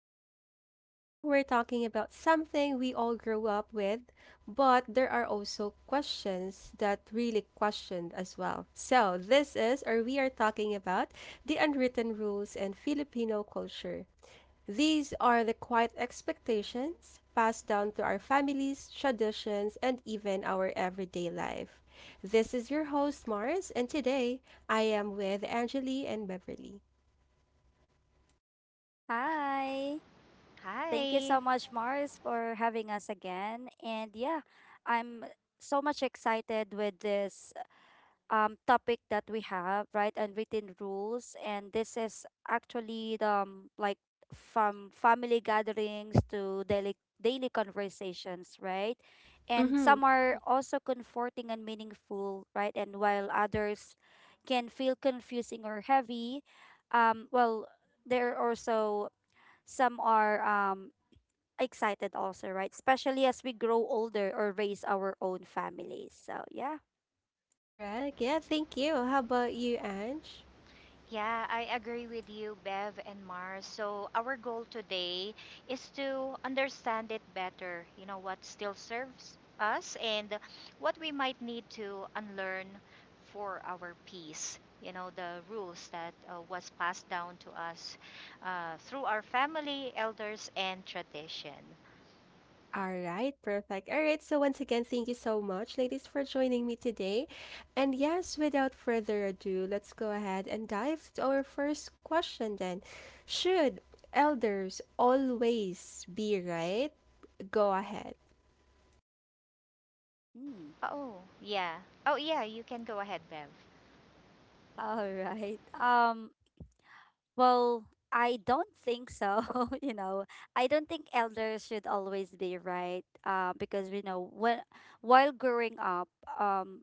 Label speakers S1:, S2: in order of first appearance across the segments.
S1: Talk. Today, we're talking about something we all grew up with, but there are also questions that really questioned as well. So, this is, or we are talking about, the unwritten rules in Filipino culture. These are the quiet expectations passed down to our families, traditions, and even our everyday life. This is your host, Mars, and today I am with Angeli and Beverly.
S2: Hi. Thank you
S3: Hi.
S2: so much, Mars, for having us again. And yeah, I'm so much excited with this topic that we have, right? Unwritten rules. And this is actually the, like from family gatherings to daily conversations, right? And
S1: Mm-hmm.
S2: some are also comforting and meaningful, right? And while others can feel confusing or heavy. um, well, they're also — some are excited also, right? Especially as we grow older or raise our own families. So yeah.
S1: Correct. Yeah, thank you. How about you, Ange?
S3: Yeah, I agree with you, Bev and Mars. So, our goal today is to understand it better. You know, what still serves us and what we might need to unlearn for our peace. You know, the rules that was passed down to us through our family, elders, and tradition.
S1: All right, perfect. All right, so once again, thank you so much, ladies, for joining me today. And yes, without further ado, let's go ahead and dive to our first question then. Should elders always be right? Go ahead.
S2: Mm.
S3: Oh, yeah. Oh, yeah, you can go ahead, Bev.
S2: All right. Well, I don't think so. you know, I don't think elders should always be right. Because we know, when while growing up, um,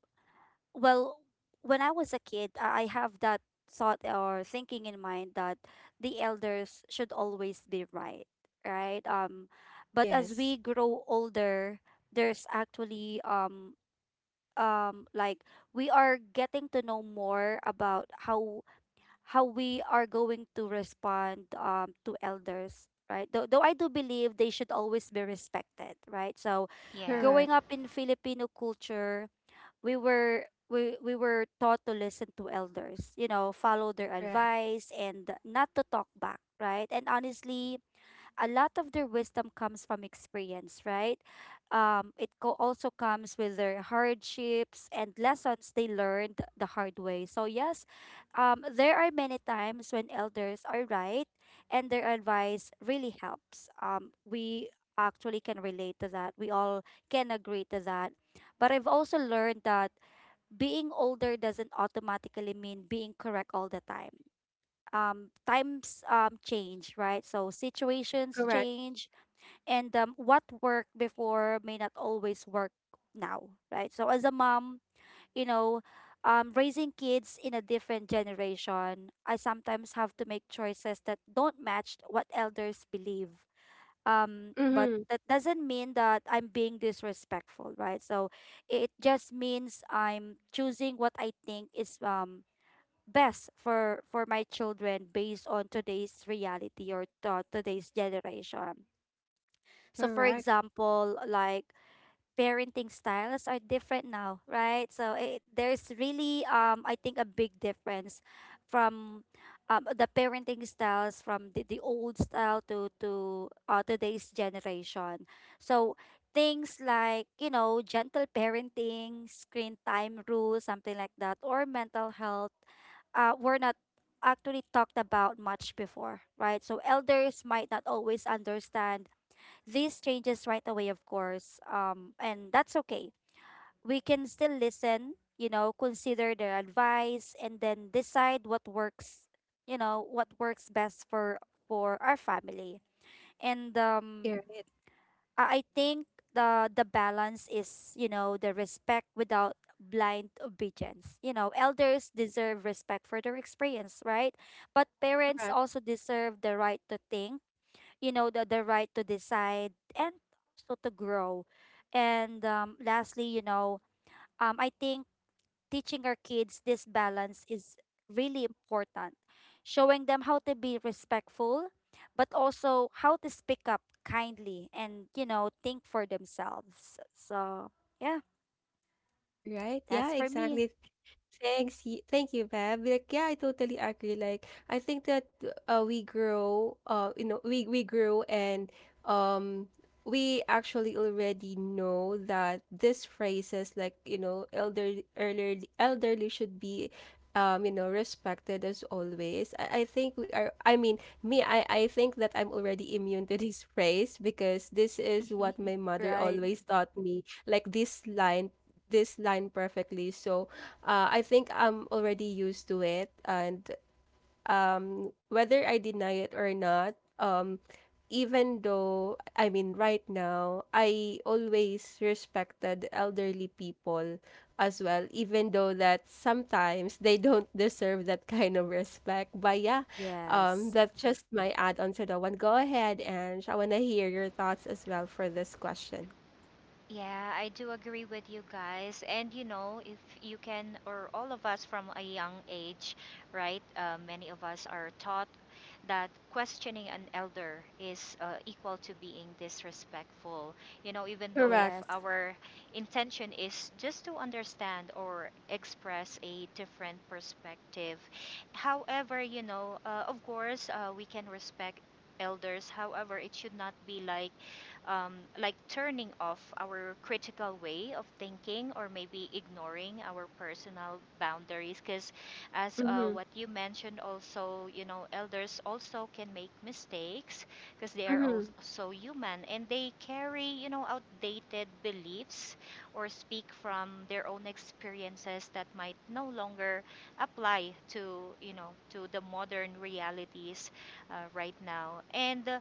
S2: well when I was a kid, I have that thought or thinking in mind that the elders should always be right. But as
S1: Yes,
S2: we grow older, there's actually, um like we are getting to know more about how we are going to respond, to elders, right? Though I do believe they should always be respected, right? So
S3: Yeah.
S2: growing
S1: correct,
S2: up in Filipino culture, we were taught to listen to elders, you know, follow their
S1: right,
S2: advice and not to talk back, right? And honestly, a lot of their wisdom comes from experience, right? Also comes with their hardships and lessons they learned the hard way. So, yes, there are many times when elders are right and their advice really helps. We actually can relate to that. We all can agree to that. But I've also learned that being older doesn't automatically mean being correct all the time. Times change, right? So situations
S1: correct.
S2: change, and what worked before may not always work now, right? So as a mom, you know, raising kids in a different generation, I sometimes have to make choices that don't match what elders believe, but
S1: Mm-hmm.
S2: that doesn't mean that I'm being disrespectful, right? So it just means I'm choosing what I think is best for my children based on today's reality, or today's generation. So, for
S1: Correct,
S2: example, like parenting styles are different now, right? So there's really, I think, a big difference from the parenting styles, from the old style to today's generation. So things like, you know, gentle parenting, screen time rules, something like that, or mental health were not actually talked about much before, right? So elders might not always understand this changes right away, of course, and that's okay. We can still listen, you know, consider their advice, and then decide what works, you know, what works best for our family. And um,
S1: you're right,
S2: I I think the balance is, you know, the respect without blind obedience. You know, elders deserve respect for their experience, right? But parents
S1: correct.
S2: also deserve the right to think you know the right to decide, and also to grow, and lastly, you know, I think teaching our kids this balance is really important, showing them how to be respectful but also how to speak up kindly and think for themselves. So, yeah,
S1: All right, yeah,
S2: that's for me.
S1: exactly. Thanks. Thank you, Bev. Like, yeah, I totally agree. Like, I think that we grow, you know, we grow and um we actually already know that these phrases like, you know, elderly should be you know, respected as always. I think we are I mean, me, I think that I'm already immune to this phrase because this is what my mother
S2: Right.
S1: always taught me. Like this line perfectly. So I think I'm already used to it. And whether I deny it or not, even though, I mean, right now, I always respected elderly people as well, even though that sometimes they don't deserve that kind of respect. But yeah,
S2: Yes.
S1: that's just my add on to that one. Go ahead, Ange. I want to hear your thoughts as well for this question.
S3: Yeah, I do agree with you guys. And you know, if you can, or all of us from a young age, right? Many of us are taught that questioning an elder is equal to being disrespectful. You know, even though if
S1: Correct.
S2: Yes.
S3: our intention is just to understand or express a different perspective. However, you know, of course, we can respect elders. However, it should not be um, like turning off our critical way of thinking or maybe ignoring our personal boundaries, because as
S1: Mm-hmm.
S3: what you mentioned also, you know, elders also can make mistakes, because they are
S1: Mm-hmm.
S2: Hmm.
S3: also human, and they carry, you know, outdated beliefs or speak from their own experiences that might no longer apply to, you know, to the modern realities right now. And uh,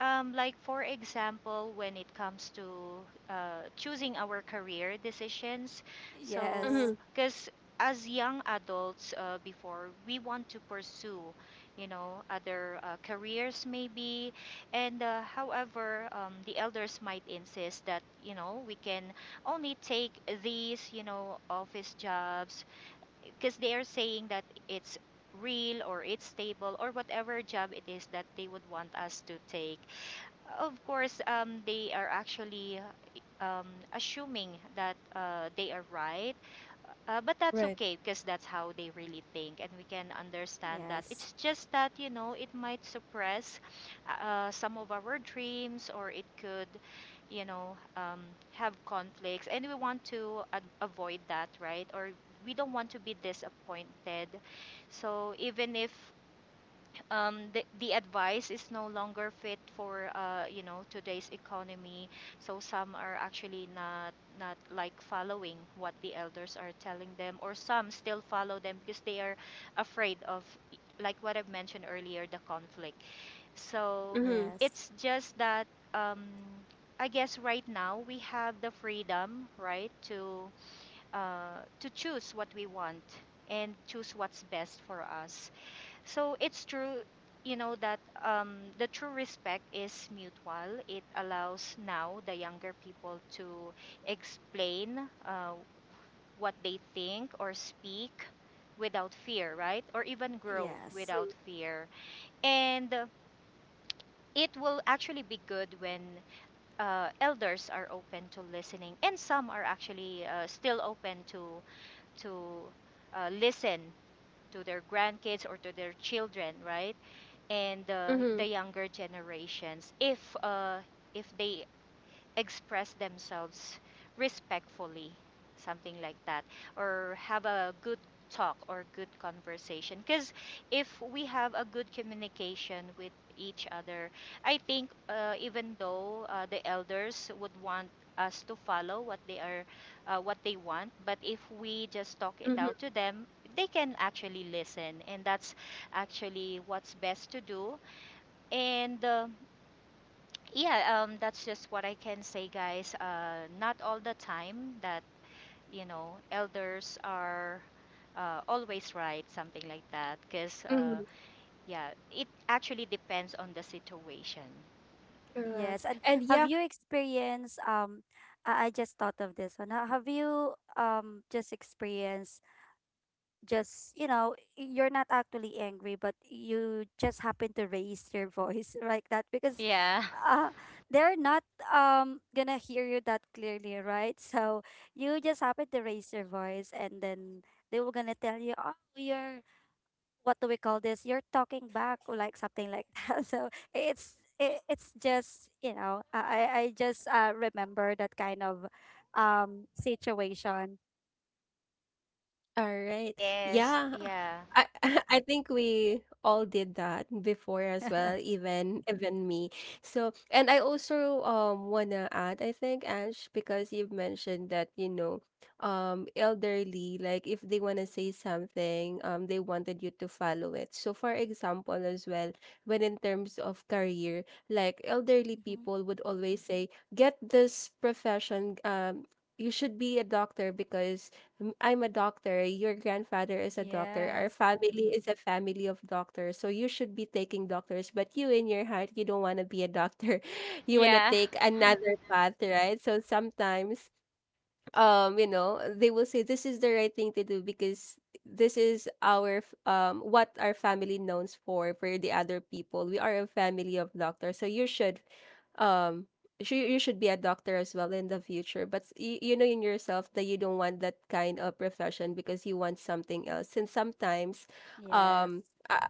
S3: um, like for example, when it comes to choosing our career decisions,
S2: Yes.
S3: so
S1: Mm-hmm.
S3: because as young adults, before we want to pursue, you know, other careers maybe, and however, the elders might insist that, you know, we can only take these, you know, office jobs because they are saying that it's real or it's stable or whatever job it is that they would want us to take. Of course, they are actually um, assuming that they are right. But that's
S1: Right.
S3: okay because that's how they really think. And we can understand that.
S2: Yes.
S3: It's just that, you know, it might suppress some of our dreams, or it could, you know, have conflicts. And we want to avoid that, right? Or we don't want to be disappointed. So even if the advice is no longer fit for, you know, today's economy, so some are actually not like following what the elders are telling them, or some still follow them because they are afraid of, like what I've mentioned earlier, the conflict. So
S1: Mhm.
S2: Yes.
S3: it's just that, um, I guess right now we have the freedom, right, to choose what we want and choose what's best for us. So it's true, you know, that the true respect is mutual. It allows now the younger people to explain what they think or speak without fear, right? Or even grow
S2: Yes.
S3: without
S1: Mhm.
S3: fear. And it will actually be good when elders are open to listening, and some are actually still open to to listen to their grandkids or to their children, right? And the
S1: Mhm.
S3: younger generations, if they express themselves respectfully, something like that, or have a good talk or good conversation. Because if we have a good communication with each other, I think, even though, the elders would want us to follow what they are, what they want, but if we just talk it
S1: Mhm.
S3: out to them, they can actually listen, and that's actually what's best to do. And yeah, that's just what I can say, guys. Not all the time that, you know, elders are always right, something like that. Because
S1: Mhm.
S3: yeah, it actually depends on the situation.
S1: Correct.
S2: Yes, and
S1: And
S2: have
S1: yeah,
S2: you experienced I just thought of this one. Have you just experienced — just, you know, you're not actually angry, but you just happen to raise your voice like that, because
S3: Yeah.
S2: uh they're not gonna hear you that clearly, right? So you just happen to raise your voice, and then they were gonna tell you, "Oh, you're — what do we call this? You're talking back," or like something like that. So it's just, you know, I just remember that kind of situation.
S1: All
S3: Oh
S1: right.
S3: yes.
S1: Yeah.
S3: Yeah.
S1: I I think we all did that before as well, even me. So, and I also wanna add, I think, Ash, because you've mentioned that, you know, elderly, like if they wanna say something, they wanted you to follow it. So for example as well, when in terms of career, like elderly
S2: Hmm.
S1: people would always say, get this profession, you should be a doctor because "M- I'm a doctor, your grandfather is a doctor, our
S2: Yes,
S1: family is a family of doctors, so you should be taking doctors, but you in your heart, you don't want to be a doctor. You want to
S3: Yeah.
S1: take another path, right? So sometimes you know they will say this is the right thing to do because this is our f- what our family knows for the other people we are a family of doctors so you should um sh- you should be a doctor as well in the future but you know in yourself that you don't want that kind of profession because you want something else and sometimes
S2: yes,
S1: um I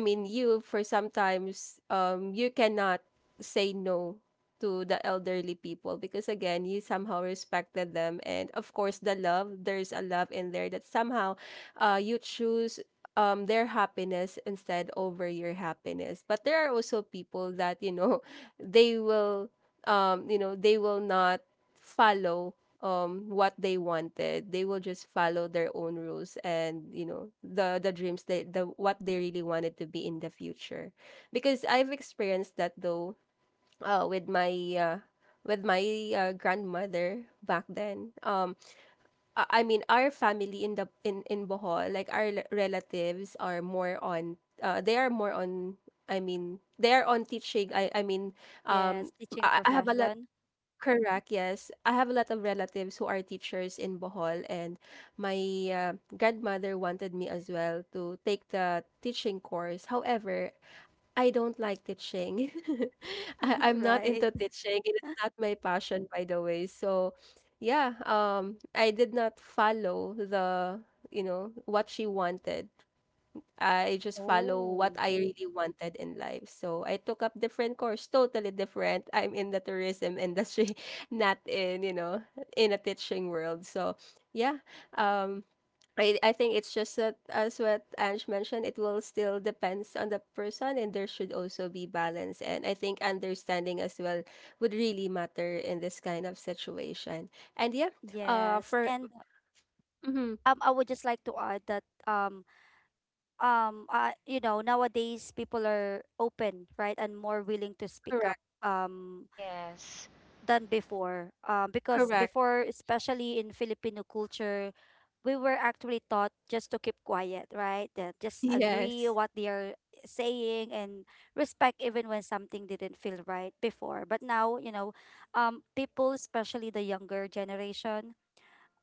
S1: I mean you for sometimes you cannot say no to the elderly people because again you somehow respected them and of course the love there's a love in there that somehow you choose their happiness instead over your happiness but there are also people that you know they will you know they will not follow what they wanted they will just follow their own rules and you know the dreams that the what they really wanted to be in the future because I've experienced that though uh with my uh with my grandmother back then I mean our family in the in Bohol like our l- relatives are more on they are more on I mean they are on teaching I mean um
S2: yes. Teaching
S1: I have a lot
S2: profession.
S1: Correct, yes. I have a lot of relatives who are teachers in Bohol, and my uh, grandmother wanted me as well to take the teaching course. However, I don't like teaching. I'm not
S2: Right?
S1: into teaching, and it's not my passion, by the way. So, yeah, I did not follow the, you know, what she wanted. I just follow what I really wanted in life. So I took up different course, totally different. I'm in the tourism industry, not in, you know, in a teaching world. So yeah. Um I think it's just that as what Ange mentioned, it will still depends on the person and there should also be balance. And I think understanding as well would really matter in this kind of situation. And yeah,
S2: Yes,
S1: for
S2: and
S1: mhm,
S2: I would just like to add that, you know, nowadays people are open, right, and more willing to speak up,
S1: correct,
S3: Yes.
S2: Than before. Because
S1: correct.
S2: before, especially in Filipino culture, we were actually taught just to keep quiet, right? That just agree
S1: Yes.
S2: what they are saying and respect even when something didn't feel right before. But now, you know, people, especially the younger generation,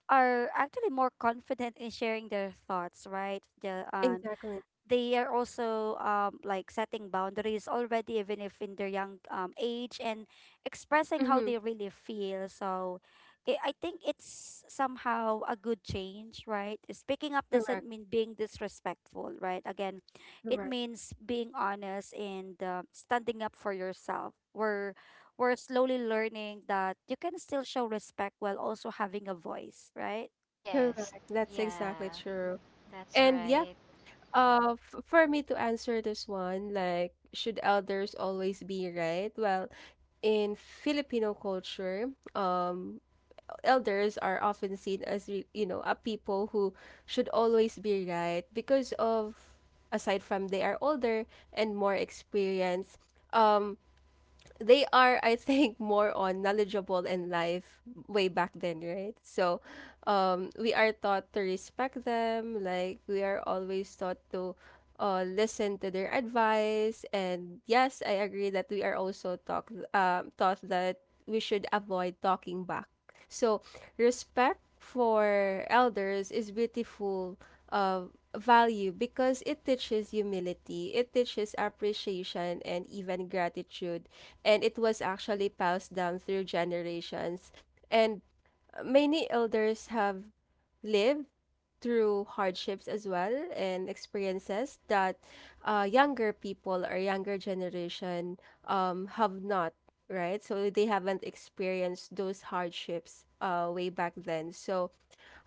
S2: are actually more confident in sharing their thoughts, right?
S1: Exactly.
S2: They are also, like, setting boundaries already, even if in their young, age, and expressing how
S1: Mm-hmm.
S2: they really feel. So I think it's somehow a good change, right? Speaking up doesn't
S1: Correct.
S2: mean being disrespectful, right? Again, it
S1: Correct.
S2: means being honest and standing up for yourself. We're slowly learning that you can still show respect while also having a voice, right?
S3: Yes.
S1: Correct. That's
S3: Yeah.
S1: exactly true.
S3: That's
S1: And yeah,
S3: right.
S1: f for me to answer this one, like, should elders always be right? Well, in Filipino culture, um, elders are often seen as, re- you know, a people who should always be right because of, aside from they are older and more experienced, um, they are, I think, more on knowledgeable in life way back then, right? So, we are taught to respect them. Like we are always taught to, listen to their advice. And yes, I agree that we are also taught, taught that we should avoid talking back. So, respect for elders is beautiful. Uh, value because it teaches humility, it teaches appreciation and even gratitude and it was actually passed down through generations. And many elders have lived through hardships as well and experiences that younger people or younger generation have not, right? So they haven't experienced those hardships way back then. So,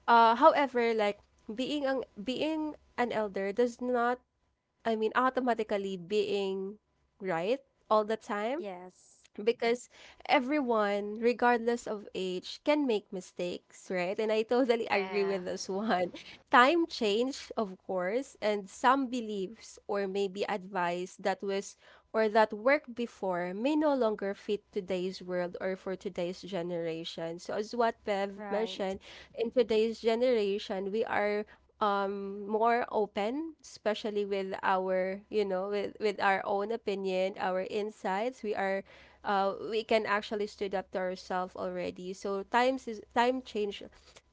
S1: however, like being an elder does not, I mean, automatically being right all the time
S2: Yes.
S1: because everyone, regardless of age, can make mistakes, right? And I totally agree
S3: Yeah
S1: with this one. Time change, of course, and some beliefs or maybe advice that was or that worked before may no longer fit today's world or for today's generation. So as what Bev
S2: Right.
S1: mentioned, in today's generation, we are more open especially with our you know with our own opinion our insights we are we can actually stood up to ourselves already. So times is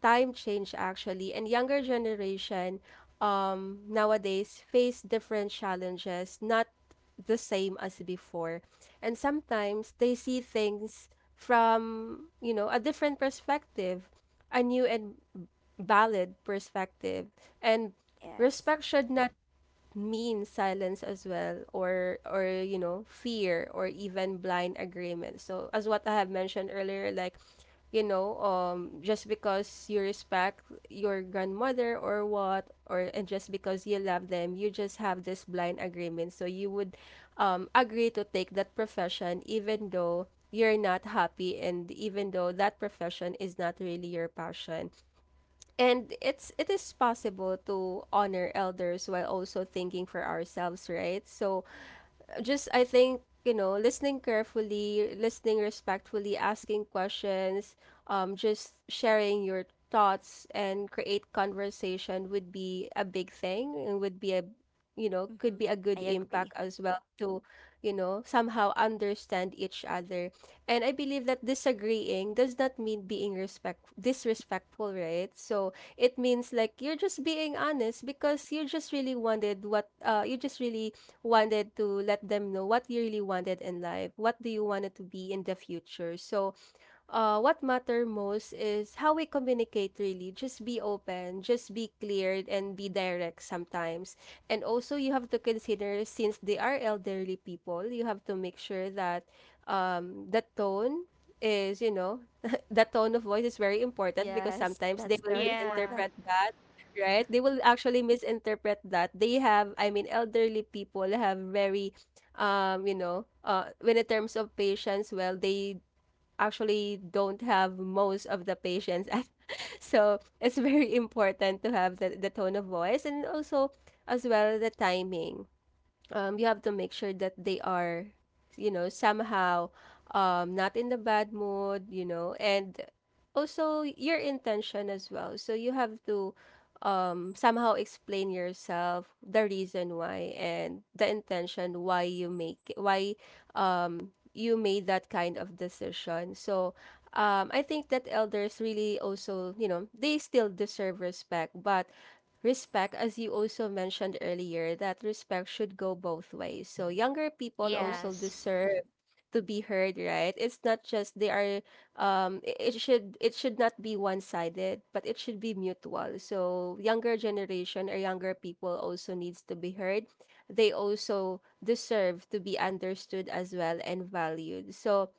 S1: time change actually, and younger generation nowadays face different challenges, not the same as before, and sometimes they see things from you know a different perspective, a new and valid perspective, and
S2: Yes.
S1: respect should not mean silence as well or you know fear or even blind agreement so as what I have mentioned earlier like you know just because you respect your grandmother or what or and just because you love them you just have this blind agreement so you would agree to take that profession even though you're not happy and even though that profession is not really your passion and it's it is possible to honor elders while also thinking for ourselves, right? So just I think you know listening carefully, listening respectfully, asking questions, just sharing your thoughts and create conversation would be a big thing and would be a you know could
S2: Mm-hmm.
S1: be a
S2: I
S1: good impact
S2: agree.
S1: as well to you know somehow understand each other and I believe that disagreeing does not mean being respect disrespectful right so it means like you're just being honest because you just really wanted what you just really wanted to let them know what you really wanted in life, what do you want it to be in the future. So what matter most is how we communicate really just be open just be clear and be direct sometimes and also you have to consider since they are elderly people you have to make sure that the tone is you know the tone of voice is very important because
S2: Yes,
S1: sometimes they
S2: that's
S1: will
S2: very
S3: Yeah
S1: misinterpret
S2: important.
S1: that right they will actually misinterpret that they have I mean elderly people have very you know when in terms of patience well they actually don't have most of the patients so it's very important to have the tone of voice and also as well the timing you have to make sure that they are, you know, somehow not in the bad mood, you know, and also your intention as well. So you have to somehow explain yourself, the reason why, and the intention why you make it, why you made that kind of decision. So I think that elders really also, you know, they still deserve respect, but respect as you also mentioned earlier that respect should go both ways, so younger people
S2: Yep.
S1: also
S3: Yes.
S1: deserve to be heard, right? It's not just they are it should not be one-sided, but it should be mutual. So younger generation or younger people also needs to be heard. They also deserve to be understood as well and valued. So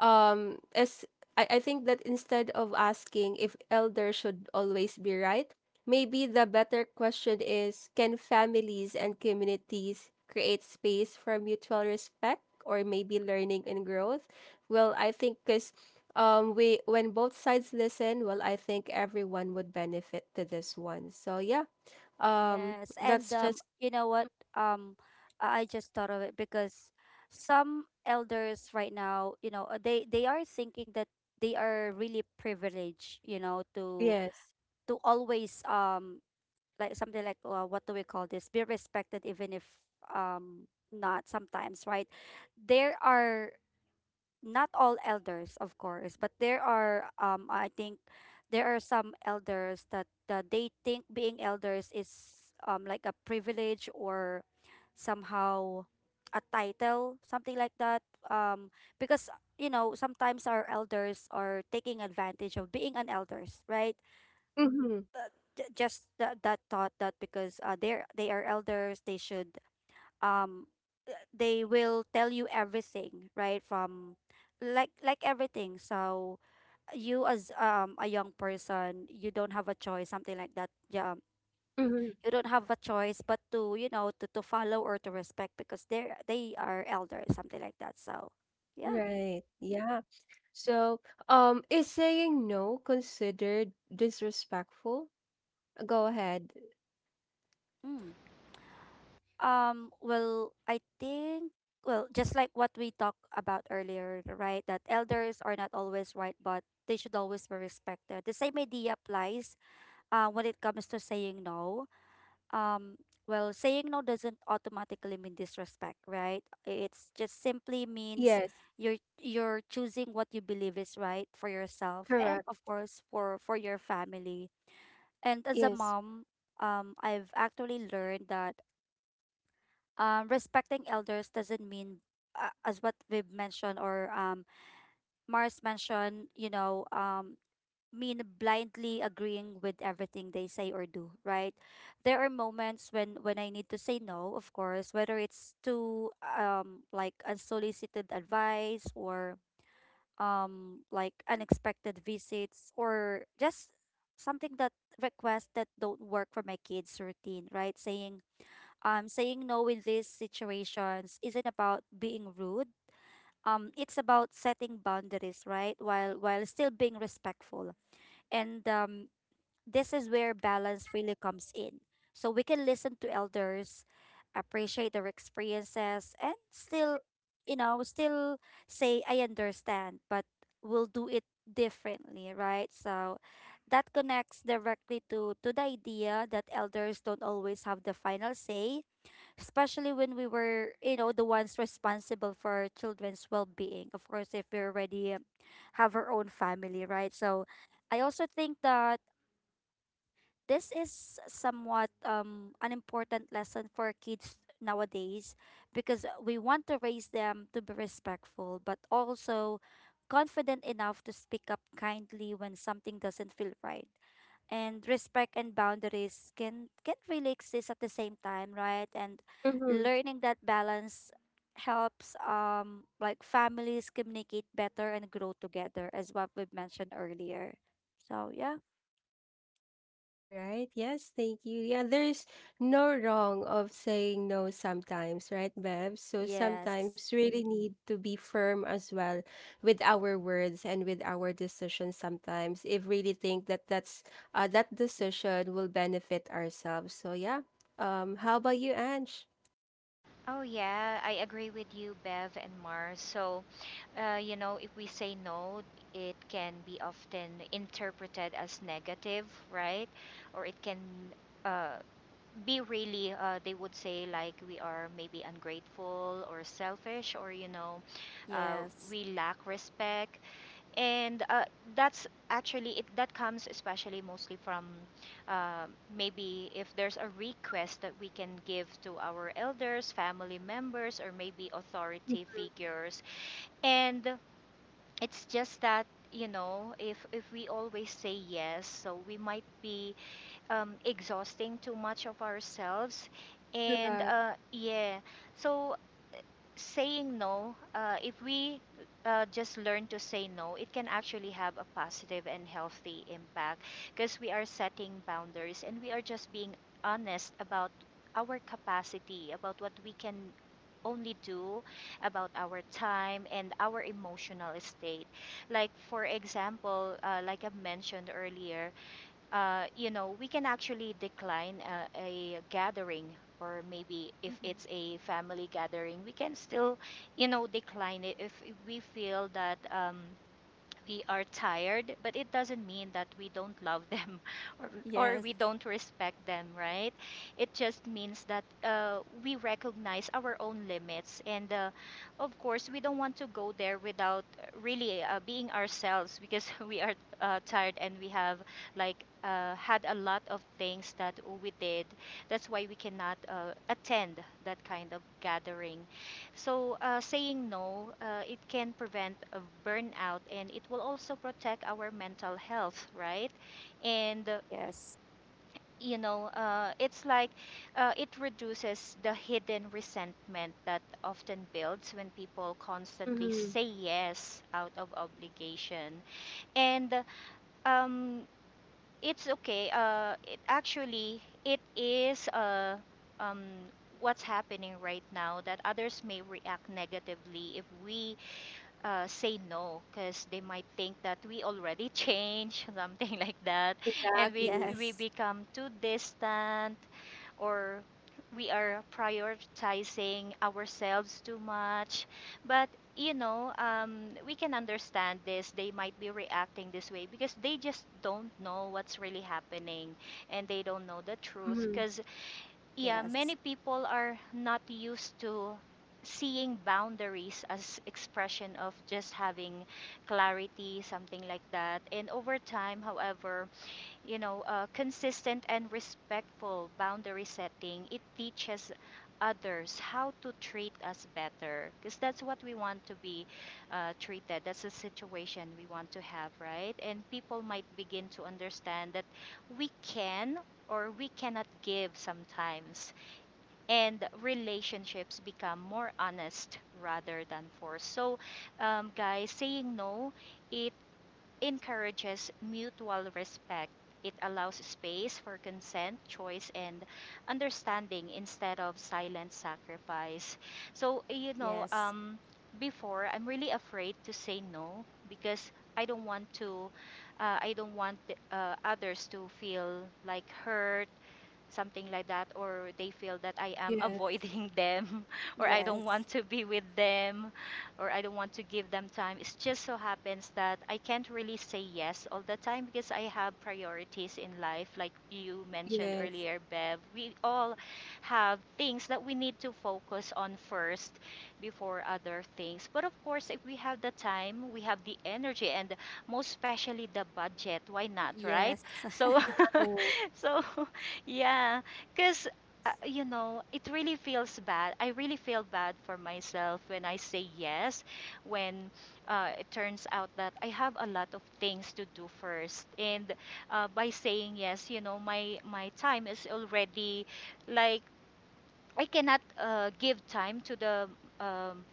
S1: as I think that instead of asking if elders should always be right, maybe the better question is, can families and communities create space for mutual respect or maybe learning and growth? Well, I think cuz we, when both sides listen, well, I think everyone would benefit to this one. So yeah,
S2: Yes. And,
S1: that's just
S2: you know what? Um, I just thought of it, because some elders right now, you know, they are thinking that they are really privileged, you know, to
S1: yes.
S2: always, like, something like, what do we call this? Be respected even if, um not sometimes, right? There are — not all elders, of course, but there are, I think, there are some elders that, they think being elders is, like, a privilege, or somehow a title, something like that, um because, you know, sometimes our elders are taking advantage of being an elders, right?
S1: Mhm.
S2: uh, just that that thought, that because, they are elders, they should, um they will tell you everything, right? From like everything. So you, as, a young person, you don't have a choice, something like that, yeah.
S1: Mhm.
S2: You don't have a choice but to, you know, to, follow, or to respect, because they are elders, something like that, so yeah.
S1: Right. Yeah. So, um, is saying no considered disrespectful? Go ahead.
S2: Mm. Well, I think, well, just like what we talked about earlier, right, that elders are not always right, but they should always be respected, the same idea applies when it comes to saying no. um Saying no doesn't automatically mean disrespect, right? It's just simply means
S1: Yes.
S2: you're choosing what you believe is right for yourself, and
S1: Correct.
S2: of course for your family. And as a
S1: Yes.
S2: mom, I've actually learned that, respecting elders doesn't mean, as what we've mentioned, or Mars mentioned, you know, mean blindly agreeing with everything they say or do, right? There are moments when I need to say no, of course, whether it's to, like, unsolicited advice, or like unexpected visits, or just something that — requests that don't work for my kids' routine, right? Saying no in these situations isn't about being rude. It's about setting boundaries, right, while still being respectful. And this is where balance really comes in. So we can listen to elders, appreciate their experiences, and still say, I understand, but we'll do it differently, right? So that connects directly to, the idea that elders don't always have the final say, especially when we were, you know, the ones responsible for our children's well being. Of course, if we already, have our own family, right? So I also think that this is somewhat, an important lesson for kids nowadays, because we want to raise them to be respectful but also confident enough to speak up kindly when something doesn't feel right. And respect and boundaries can really exist at the same time, right? And
S1: Mhm.
S2: learning that balance helps, like, families communicate better and grow together, as what we've mentioned earlier. So yeah.
S1: All right. Yes, thank you. Yeah, there's no wrong of saying no sometimes, right, Bev? So
S2: Yes.
S1: sometimes we really need to be firm as well with our words and with our decisions sometimes if really think that that decision will benefit ourselves. So yeah. Um, how about you, Ange?
S3: Oh, yeah, I agree with you, Bev and Mars. So, you know, if we say no, it can be often interpreted as negative, right? Or it can uh, be really, they would say, like we are maybe ungrateful or selfish, or you know, uh,
S2: Yes.
S3: we lack respect. And that's actually it, that comes especially mostly from, uh, maybe if there's a request that we can give to our elders, family members, or maybe authority figures. And it's just that, you know, if we always say yes, so we might be exhausting too much of ourselves. And
S1: Correct.
S3: yeah, so saying no, if we just learn to say no, it can actually have a positive and healthy impact, because we are setting boundaries and we are just being honest about our capacity, about what we can only do, about our time and our emotional state. Like, for example, like I mentioned earlier, you know, we can actually decline a gathering, or maybe if
S2: Mhm.
S3: it's a family gathering, we can still, you know, decline it if we feel that, we are tired, but it doesn't mean that we don't love them or
S2: Yes,
S3: we don't respect them, right? It just means that we recognize our own limits. And of course, we don't want to go there without really being ourselves, because we are tired, and we have like had a lot of things that we did. That's why we cannot attend that kind of gathering. So, saying no, it can prevent a burnout, and it will also protect our mental health, right? And,
S2: yes,
S3: you know, it's like it reduces the hidden resentment that often builds when people constantly
S1: Mm-hmm.
S3: say yes out of obligation. And um, it's okay. It actually, it is, um, what's happening right now, that others may react negatively if we say no, because they might think that we already change something like that, and we
S1: Exactly.
S3: we
S2: yes,
S3: become too distant, or we are prioritizing ourselves too much. But you know, we can understand this, they might be reacting this way because they just don't know what's really happening, and they don't know the truth.
S1: Mm-hmm.
S3: Because yeah,
S2: yes,
S3: many people are not used to seeing boundaries as expression of just having clarity, something like that. And over time, however, you know, consistent and respectful boundary setting, it teaches others how to treat us better, because that's what we want to be treated, that's the situation we want to have, right? And people might begin to understand that we can or we cannot give sometimes, and relationships become more honest rather than forced. So, guys, saying no, it encourages mutual respect. It allows space for consent, choice, and understanding instead of silent sacrifice. So, you know,
S2: yes,
S3: before I'm really afraid to say no, because I don't want to, I don't want others to feel like hurt, something like that, or they feel that I am
S1: Yeah.
S3: avoiding them, or I don't
S2: yes,
S3: want to be with them, or I don't want to give them time. It just so happens that I can't really say yes all the time, because I have priorities in life like you mentioned
S1: Yes.
S3: earlier, Bev. We all have things that we need to focus on first before other things. But of course, if we have the time, we have the energy, and most especially the budget, why not, right?
S2: yes,
S3: So
S1: Exactly.
S3: So, yeah, because, you know, it really feels bad. I really feel bad for myself when I say yes, when it turns out that I have a lot of things to do first. And by saying yes, you know, my time is already, like, I cannot give time to the, um,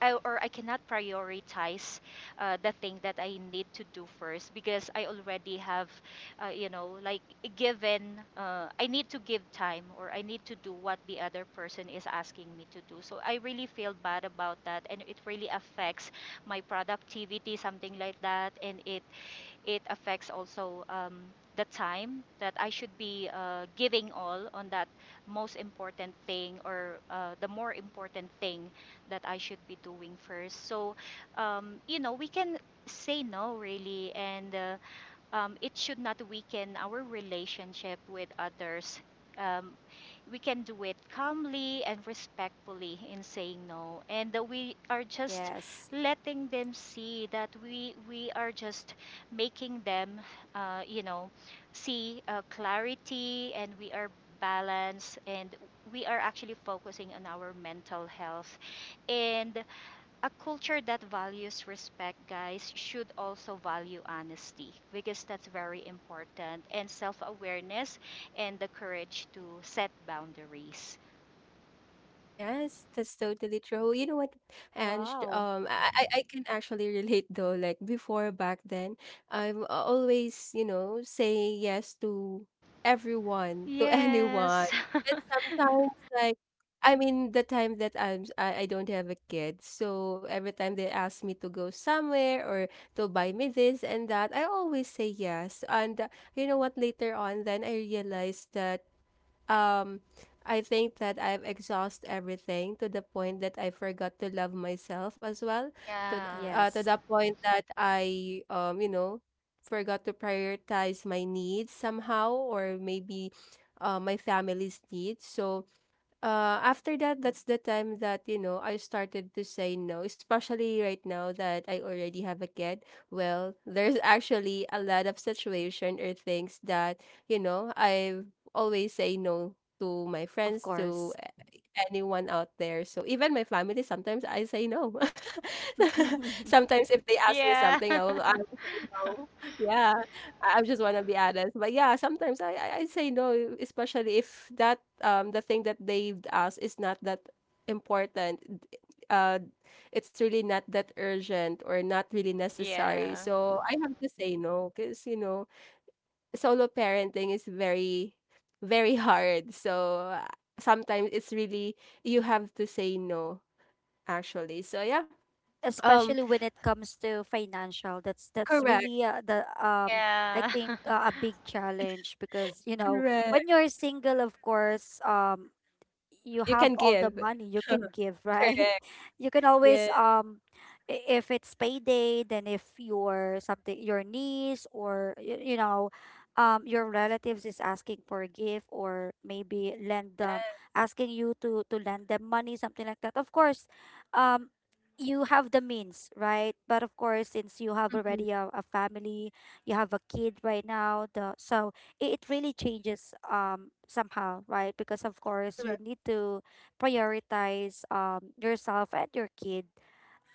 S3: or I cannot prioritize the thing that I need to do first, because I already have, you know, like given, I need to give time or I need to do what the other person is asking me to do. So I really feel bad about that, and it really affects my productivity, something like that. And it affects also, the time that I should be giving all on that most important thing, or the more important thing that I should be doing first. So, you know, we can say no really, and it should not weaken our relationship with others. Um, we can do it calmly and respectfully in saying no, and that we are just
S2: yes.
S3: letting them see that we are just making them, you know, see clarity, and we are balanced, and we are actually focusing on our mental health, and a culture that values respect, guys, should also value honesty, because that's very important, and self awareness and the courage to set boundaries.
S1: Yes, that's totally true. You know what, Ange?
S2: Wow.
S1: I can actually relate though. Like before back then, I've always, you know, say yes to everyone, to anyone,
S3: Yes.
S1: but sometimes like, I mean, the time that I'm s- I, am I don't have a kid, so every time they ask me to go somewhere or to buy me this and that, I always say yes. And You know what? Later on, then I realized that um I think that I've exhausted everything to the point that I forgot to love myself as well.
S3: Yeah.
S1: To
S2: Yes,
S1: the point that I, um, you know, forgot to prioritize my needs somehow, or maybe my family's needs. So after that, that's the time that, you know, I started to say no, especially right now that I already have a kid. Well, there's actually a lot of situation or things that, you know, I always say no to my
S2: of
S1: friends, to
S2: course.
S1: anyone out there. So even my family, sometimes I say no. Sometimes if they ask me
S3: Yeah.
S1: something, I will say no. Yeah, I just want to be honest. But yeah, sometimes I say no, especially if that um, the thing that they've asked is not that important. d- Uh, it's really not that urgent or not really necessary.
S3: Yeah.
S1: So I have to say no because, you know, solo parenting is very very hard. So sometimes it's really you have to say no actually. So yeah. Um,
S2: Especially when it comes to financial, that's
S1: correct.
S2: really, the I
S3: Yeah.
S2: think, a big challenge, because, you know, when
S1: Correct.
S2: you're single, of course, you
S1: You can
S2: have all the
S1: give.
S2: money you can give, right?
S1: Correct.
S2: You can always,
S1: Yeah.
S2: if it's payday, then if your something, your niece, or, you know, your relatives is asking for a gift, or maybe lend them,
S1: Yeah.
S2: asking you to lend them money, something like that. Of course, um you have the means, right? But of course, since you have
S1: Mhm.
S2: already a family, you have a kid right now, the so, it really changes, somehow, right? Because of course you
S1: Correct.
S2: need to prioritize, yourself and your kid,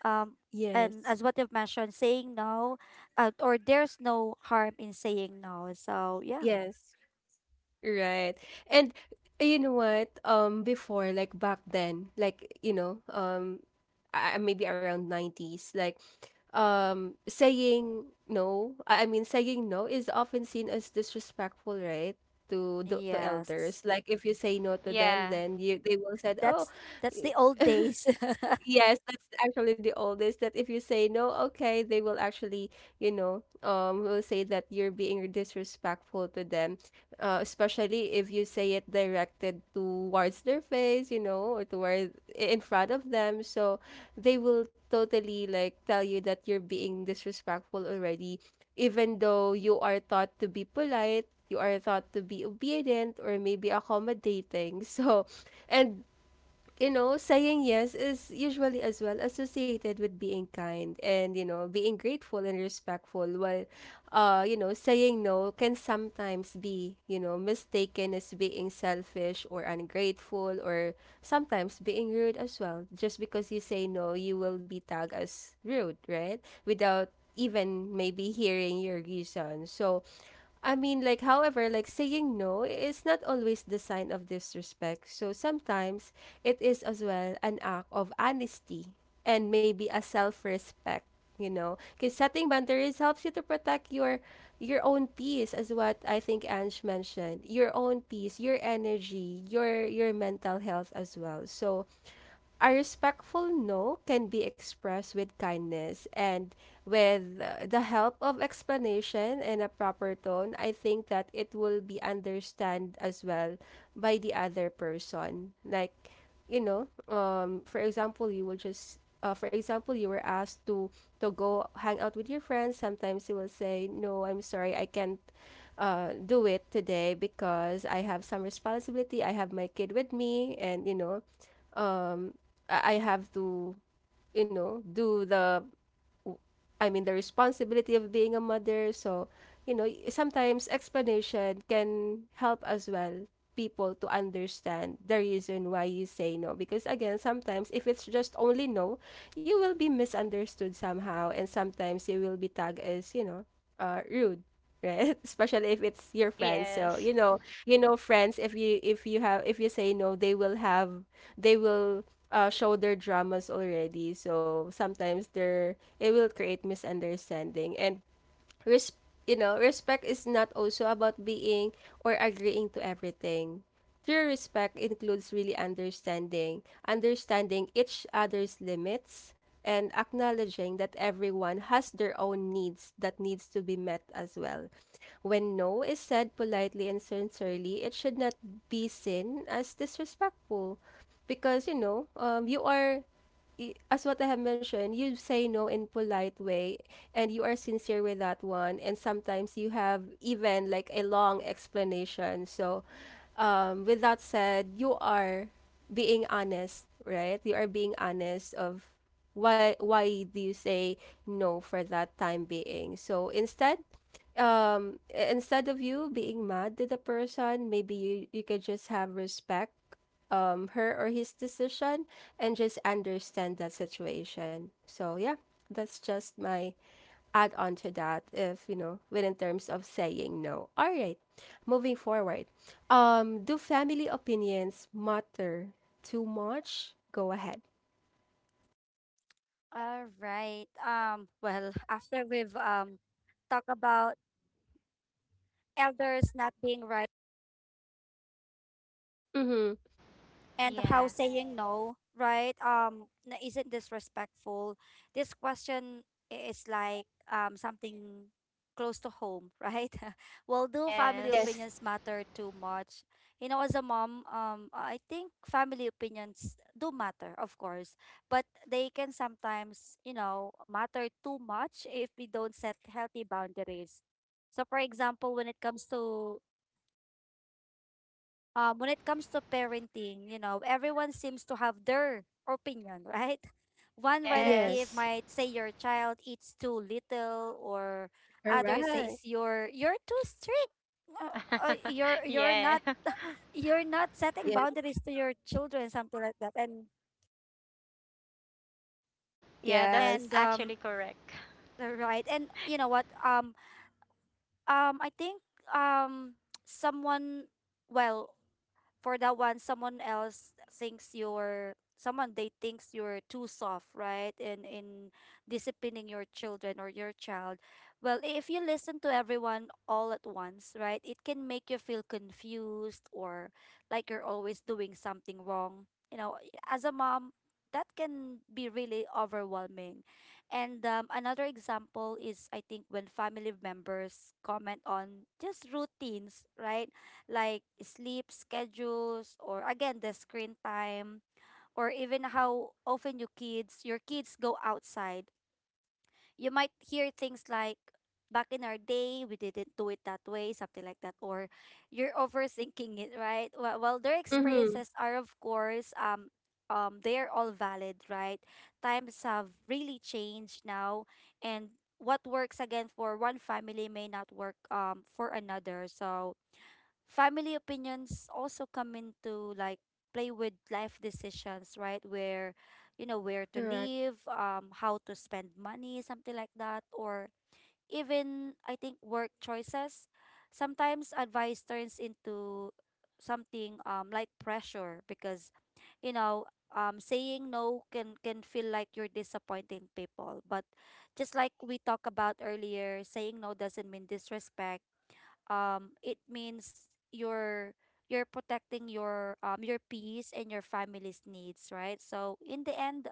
S2: um and
S1: Yes.
S2: as what you've mentioned, saying no, or there's no harm in saying no, so yeah.
S1: Yes. Right. And you know what? Before, like back then, like, you know, maybe around 90s, like, saying no, saying no is often seen as disrespectful, right? To the
S2: Yes.
S1: elders. Like, if you say no to them,
S3: Yeah.
S1: then you they will said, oh,
S2: That's that's the old days.
S1: yes, that's actually the oldest that if you say no, okay, they will actually, you know, will say that you're being disrespectful to them, especially if you say it directed towards their face, you know, or toward in front of them. So they will totally like tell you that you're being disrespectful already, even though you are thought to be polite, you are thought to be obedient or maybe accommodating. So, and you know, saying yes is usually as well associated with being kind and, you know, being grateful and respectful, while, you know, saying no can sometimes be, you know, mistaken as being selfish or ungrateful, or sometimes being rude as well. Just because you say no, you will be tagged as rude, right? Without even maybe hearing your reason. So, I mean, like, however, like saying no is not always the sign of disrespect. So sometimes it is as well an act of honesty and maybe a self-respect, you know, because setting boundaries helps you to protect your own peace, as what I think Ange mentioned, your own peace, your energy, your mental health as well. So a respectful no can be expressed with kindness and with, the help of explanation and a proper tone. I think that it will be understood as well by the other person. Like, you know, for example, you will just, for example, you were asked to go hang out with your friends. Sometimes you will say, "No, I'm sorry, I can't do it today because I have some responsibility. I have my kid with me, and you know, um, I have to, you know, do the w- I mean the responsibility of being a mother." So, you know, sometimes explanation can help as well people to understand the reason why you say no, because again, sometimes if it's just only no, you will be misunderstood somehow, and sometimes you will be tagged as, you know, uh, rude, right? Especially if it's your friends. So
S3: Yes.
S1: you know, you know, friends, if you have if you say no, they will have, they will, uh, show their dramas already. So sometimes they're, it will create misunderstanding and res- you know, respect is not also about being or agreeing to everything. True respect includes really understanding, understanding each other's limits and acknowledging that everyone has their own needs that needs to be met as well. When no is said politely and sincerely, it should not be seen as disrespectful, because you know, you are, as what I have mentioned, you say no in polite way and you are sincere with that one, and sometimes you have even like a long explanation. So, with that said, you are being honest, right? You are being honest of why do you say no for that time being. So, instead um, instead of you being mad to the person, maybe you you could just have respect, um, her or his decision, and just understand that situation. So yeah, that's just my add on to that, if you know, when in terms of saying no. All right. Moving forward. Um, do family opinions matter too much? Go ahead.
S2: All right, after we've, talked about elders not being right,
S1: Mhm.
S2: and
S3: Yeah.
S2: how saying no, right, isn't disrespectful. This question is, like, something close to home, right? Well, do family
S3: Yes.
S1: Yes.
S2: opinions matter too much? You know, as a mom, I think family opinions do matter, of course, but they can sometimes, matter too much if we don't set healthy boundaries. So, for example, when it comes to parenting, you know, everyone seems to have their opinion, right? One relative
S3: Yes.
S1: Yes.
S2: might say your child eats too little, or others says
S1: Correct.
S2: you're too strict. You're you're
S3: Yeah.
S2: not you're not setting
S1: Yes.
S2: boundaries to your children, something like that.
S3: Yeah, that's
S2: And
S1: Yes.
S3: actually correct.
S2: right. And you know what? I think um, someone well for that one, someone else thinks you're too soft, right, in disciplining your children or your child. If you listen to everyone all at once, right, it can make you feel confused or like you're always doing something wrong, you know, as a mom, that can be really overwhelming. And Another example is, I think, when family members comment on just routines, right, like sleep schedules or, again, the screen time, or even how often your kids go outside. You might hear things like, back in our day we didn't do it that way, something like that, or you're overthinking it, right? Well, their
S1: Mhm.
S2: experiences are of course, um, they're all valid, right? Times have really changed now, and what works, again, for one family may not work, um, for another. So family opinions also come into like play with life decisions, right, where, you know, where to
S1: Correct.
S2: live, um, how to spend money, something like that, or even, I think, work choices. Sometimes advice turns into something, um, like pressure, because, you know, um, saying no can feel like you're disappointing people. But just like we talked about earlier, saying no doesn't mean disrespect. Um, it means you're protecting your, um, your peace and your family's needs, right? So in the end,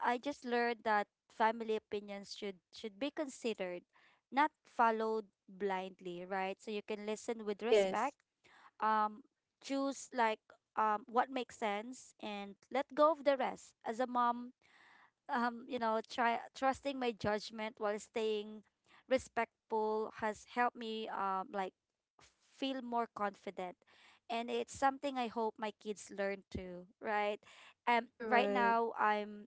S2: I just learned that family opinions should be considered, not followed blindly, right? So you can listen with
S1: Yes.
S2: respect, um, choose, like, um, what makes sense and let go of the rest. As a mom, you know, try trusting my judgment while staying respectful has helped me, um, like, feel more confident. And it's something I hope my kids learn too, right? Right
S1: Correct.
S2: now I'm,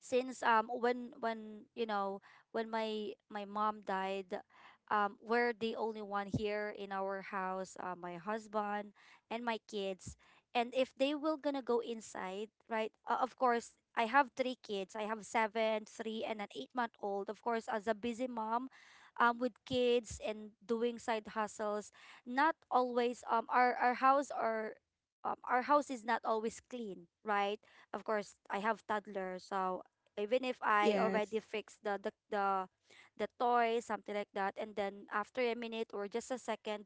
S2: since when you know, when my mom died, um, we're the only one here in our house, my husband and my kids. And if they will gonna go inside, right? Of course, I have three kids. I have seven, three, and an eight-month-old. Of course, as a busy mom, with kids and doing side hustles, not always, um, our house, or, our house is not always clean, right? Of course, I have toddlers, so even if I
S1: Yes.
S2: already fixed the toy, something like that, and then after a minute or just a second,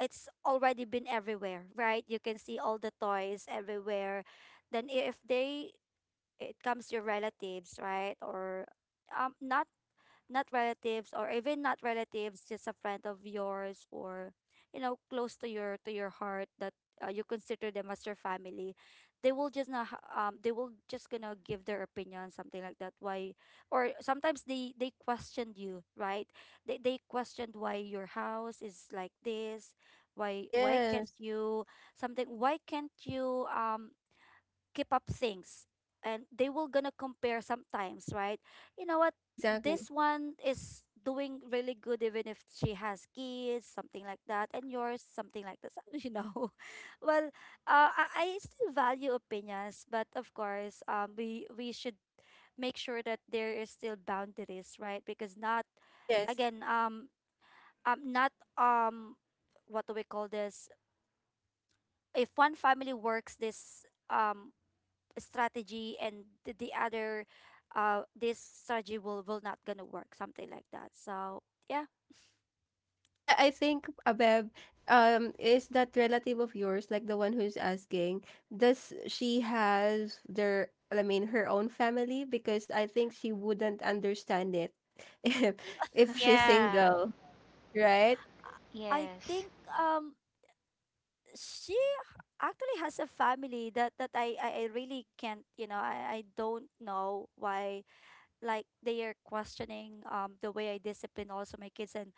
S2: it's already been everywhere, right? You can see all the toys everywhere. Then I- if they It comes your relatives, right? Or, um, not not relatives, or even not relatives, just a friend of yours, or, you know, close to your heart, that, you consider them as your family, they will just not ha- they will just gonna give their opinion, something like that. Why, or sometimes they questioned you, right? They questioned why your house is like this, why can't
S1: Yes.
S2: you, something, why can't you, um, keep up things, and they will gonna compare sometimes, right? You know what,
S1: Exactly.
S2: this one is doing really good even if she has kids, something like that, and yours something like this, you know. Well, I still value opinions, but of course, um, we should make sure that there is still boundaries, right? Because not,
S1: Yes.
S2: again, um, um, not, um, what do we call this, if one family works this, um, strategy, and the other, uh, this strategy will not gonna work, something like that. So yeah.
S1: I think Abeb, is that relative of yours, like the one who's asking, does she has their, I mean, her own family? Because I think she wouldn't understand it if if she's
S3: Yeah.
S1: single, right?
S2: I
S3: Yes.
S2: think, um, she h- actually, has a family, that that I really can't, you know, I don't know why, like, they are questioning, um, the way I discipline also my kids. And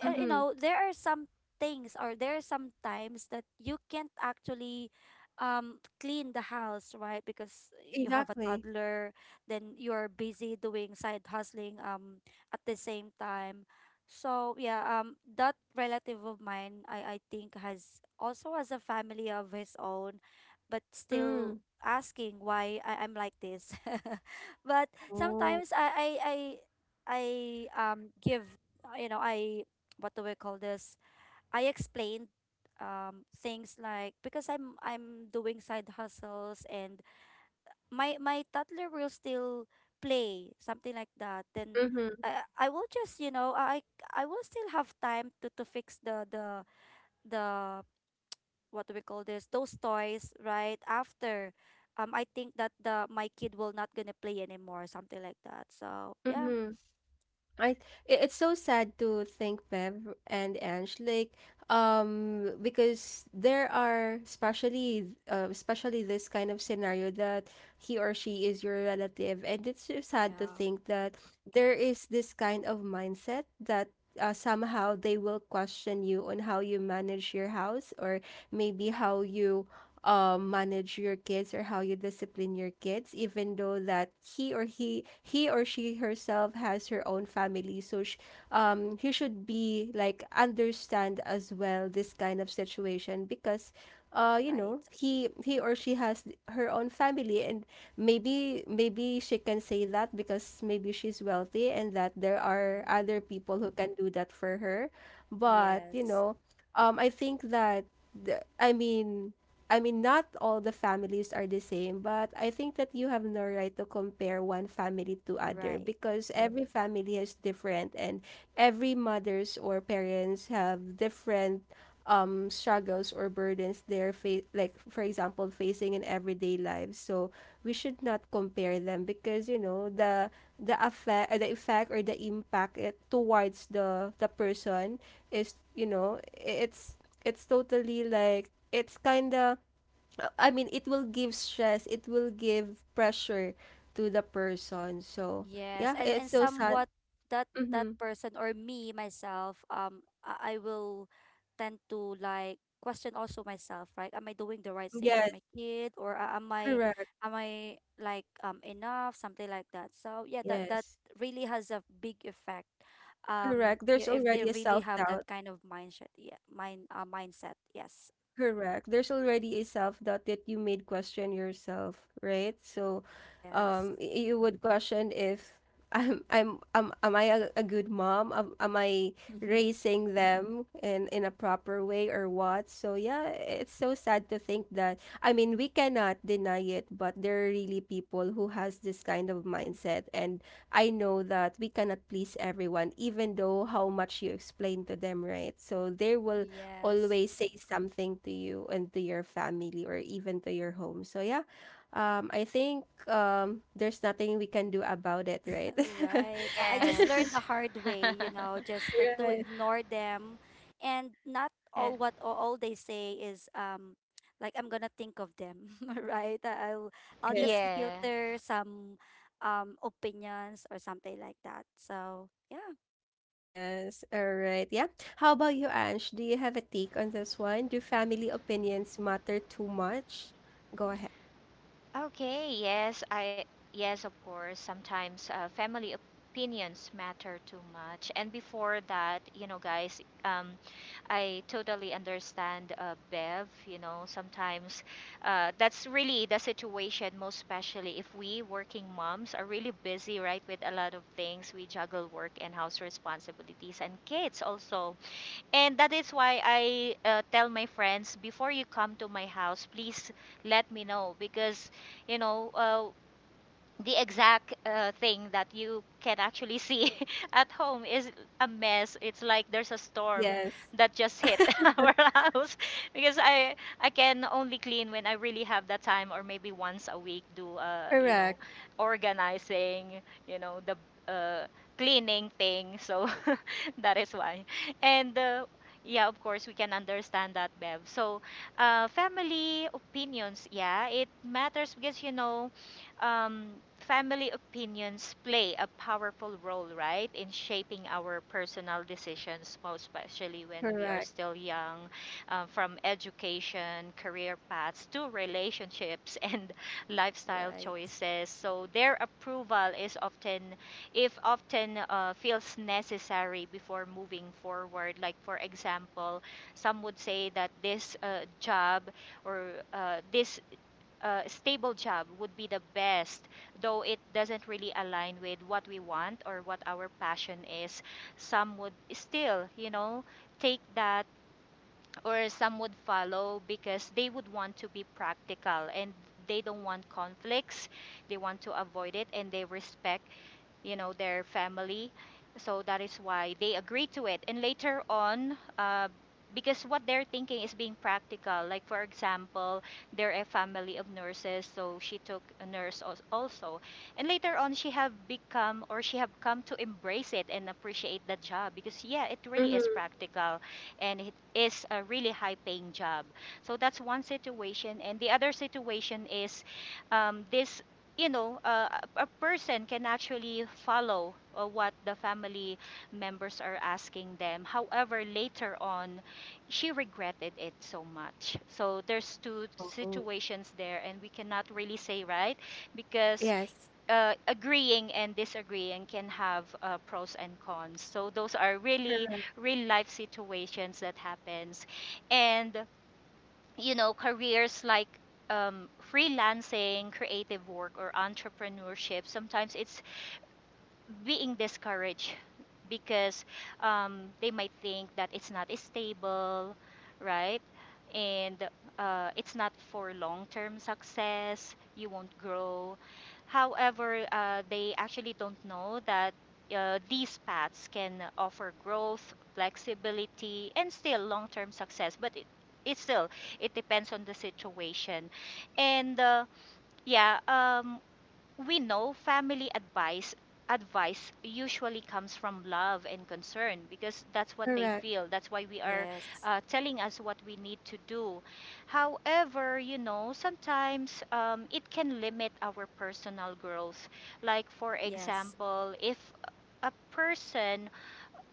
S2: you
S1: Mm-hmm.
S2: know, there are some things, or there are some times that you can't actually, um, clean the house, right, because you have a
S1: Exactly.
S2: toddler, then you're busy doing side hustling, um, at the same time. So yeah, um, that relative of mine, I think has also has a family of his own, but still
S1: Mm.
S2: asking why I'm like this. But
S1: Oh.
S2: sometimes, I, um, give, you know, I what do we call this? I explained, um, things like, because I'm doing side hustles, and my toddler will still play, something like that. Then
S1: Mm-hmm.
S2: I will just, you know, I will still have time to fix the, what do we call this, those toys right after. I think that the my kid will not gonna play anymore, something like that. So yeah.
S1: Mm-hmm. I, it's so sad to think, Bev and Ange, like, um, because there are especially especially this kind of scenario that he or she is your relative, and it's so sad to
S2: Yeah.
S1: think that there is this kind of mindset that, somehow they will question you on how you manage your house, or maybe how you, manage your kids, or how you discipline your kids, even though that he or she herself has her own family. So he should be like understand as well this kind of situation, because, uh, you know,
S2: Right.
S1: he or she has her own family, and maybe maybe she can say that because maybe she's wealthy and that there are
S2: Mm.
S1: other people who can do that for her, but, you
S2: Yes.
S1: know, um, I think that I mean, I mean, not all the families are the same, but I think that you have no right to compare one family to other
S2: Right.
S1: because every family is different, and every mothers or parents have different um, struggles or burdens they're like, for example, facing in everyday lives. So we should not compare them, because you know the effect or the impact it, towards the person is, you know, it's totally like it's kind of, I mean, it will give stress, it will give pressure to the person. So,
S2: Yes,
S1: yeah, it's
S2: and
S1: so sad.
S2: somewhat that that
S1: Mm-hmm.
S2: person, or me myself, I will tend to like question also myself, right? Am I doing the right thing for
S1: Yes,
S2: my kid, or am I,
S1: correct.
S2: am I like, um, enough, something like that. So yeah, that that
S1: Yes,
S2: really has a big effect.
S1: correct.
S2: Yeah,
S1: There's
S2: if they
S1: already a
S2: really have that
S1: self-doubt.
S2: kind of mindset, yeah, mindset. Yes,
S1: Correct. There's already a self-doubt that you made question yourself, right? So,
S2: yes,
S1: you would question if I'm am I a good mom? Am I raising them in a proper way or what? So yeah, it's so sad to think that. I mean, we cannot deny it, but there are really people who has this kind of mindset, and I know that we cannot please everyone, even though how much you explain to them, right? So they will
S2: yes.
S1: always say something to you and to your family or even to your home. So yeah, I think there's nothing we can do about it, right?
S2: Right. I just
S3: Yes.
S2: learned the hard way, you know, just to
S1: Right.
S2: ignore them, and not
S3: Yeah.
S2: all what all they say is, um, like I'm gonna think of them, right? I- I'll just
S1: Yeah.
S3: Yeah.
S2: filter some, um, opinions or something like that. So, yeah.
S1: Yes. All right. Yeah. How about you, Ange? Do you have a take on this one? Do family opinions matter too much? Go ahead.
S3: Okay. Yes, I yes, of course. Sometimes family opinions matter too much. And before that, you know, guys, I totally understand Bev. You know, sometimes that's really the situation, most especially if we working moms are really busy, right, with a lot of things. We juggle work and house responsibilities and kids also. And that is why I tell my friends, before you come to my house, please let me know, because you know uh, the exact thing that you can actually see at home is a mess. It's like there's a storm
S1: Yes.
S3: that just hit our house because I can only clean when I really have the time, or maybe once a week do
S1: Correct.
S3: organizing, you know the uh, cleaning thing. So that is why and. Yeah, of course, we can understand that, Bev. So, family opinions, yeah, it matters because um, family opinions play a powerful role, right, in shaping our personal decisions, most especially when we are
S1: Correct.
S3: still young, from education, career paths to relationships and lifestyle
S2: Right.
S3: choices. So their approval is often, if often, feels necessary before moving forward. Like for example, some would say that this job or this stable job would be the best, though it doesn't really align with what we want or what our passion is. Some would still, you know, take that, or some would follow because they would want to be practical and they don't want conflicts, they want to avoid it, and they respect you know their family, so that is why they agree to it. And later on, because what they're thinking is being practical, like for example, they're a family of nurses, so she took a nurse also, and later on she have become, or she have come to embrace it and appreciate the job, because yeah, it really is
S1: Mm-hmm.
S3: practical and it is a really high paying job. So that's one situation, and the other situation is, this you know, a person can actually follow what the family members are asking them. However, later on, she regretted it so much. So there's two
S1: Oh.
S3: situations there, and we cannot really say right, because
S1: Yes.
S3: agreeing and disagreeing can have pros and cons. So those are really
S1: Correct.
S3: real life situations that happens, and you know, careers like freelancing, creative work, or entrepreneurship, sometimes it's being discouraged because they might think that it's not stable, right? And it's not for long term success, you won't grow. However, they actually don't know that these paths can offer growth, flexibility, and still long term success. But it still it depends on the situation. And yeah um, we know family advice usually comes from love and concern, because that's what they
S1: Correct.
S3: feel. That's why we are
S2: Yes.
S3: telling us what we need to do. However, you know, sometimes it can limit our personal growth. Like for
S2: Yes.
S3: example, if a person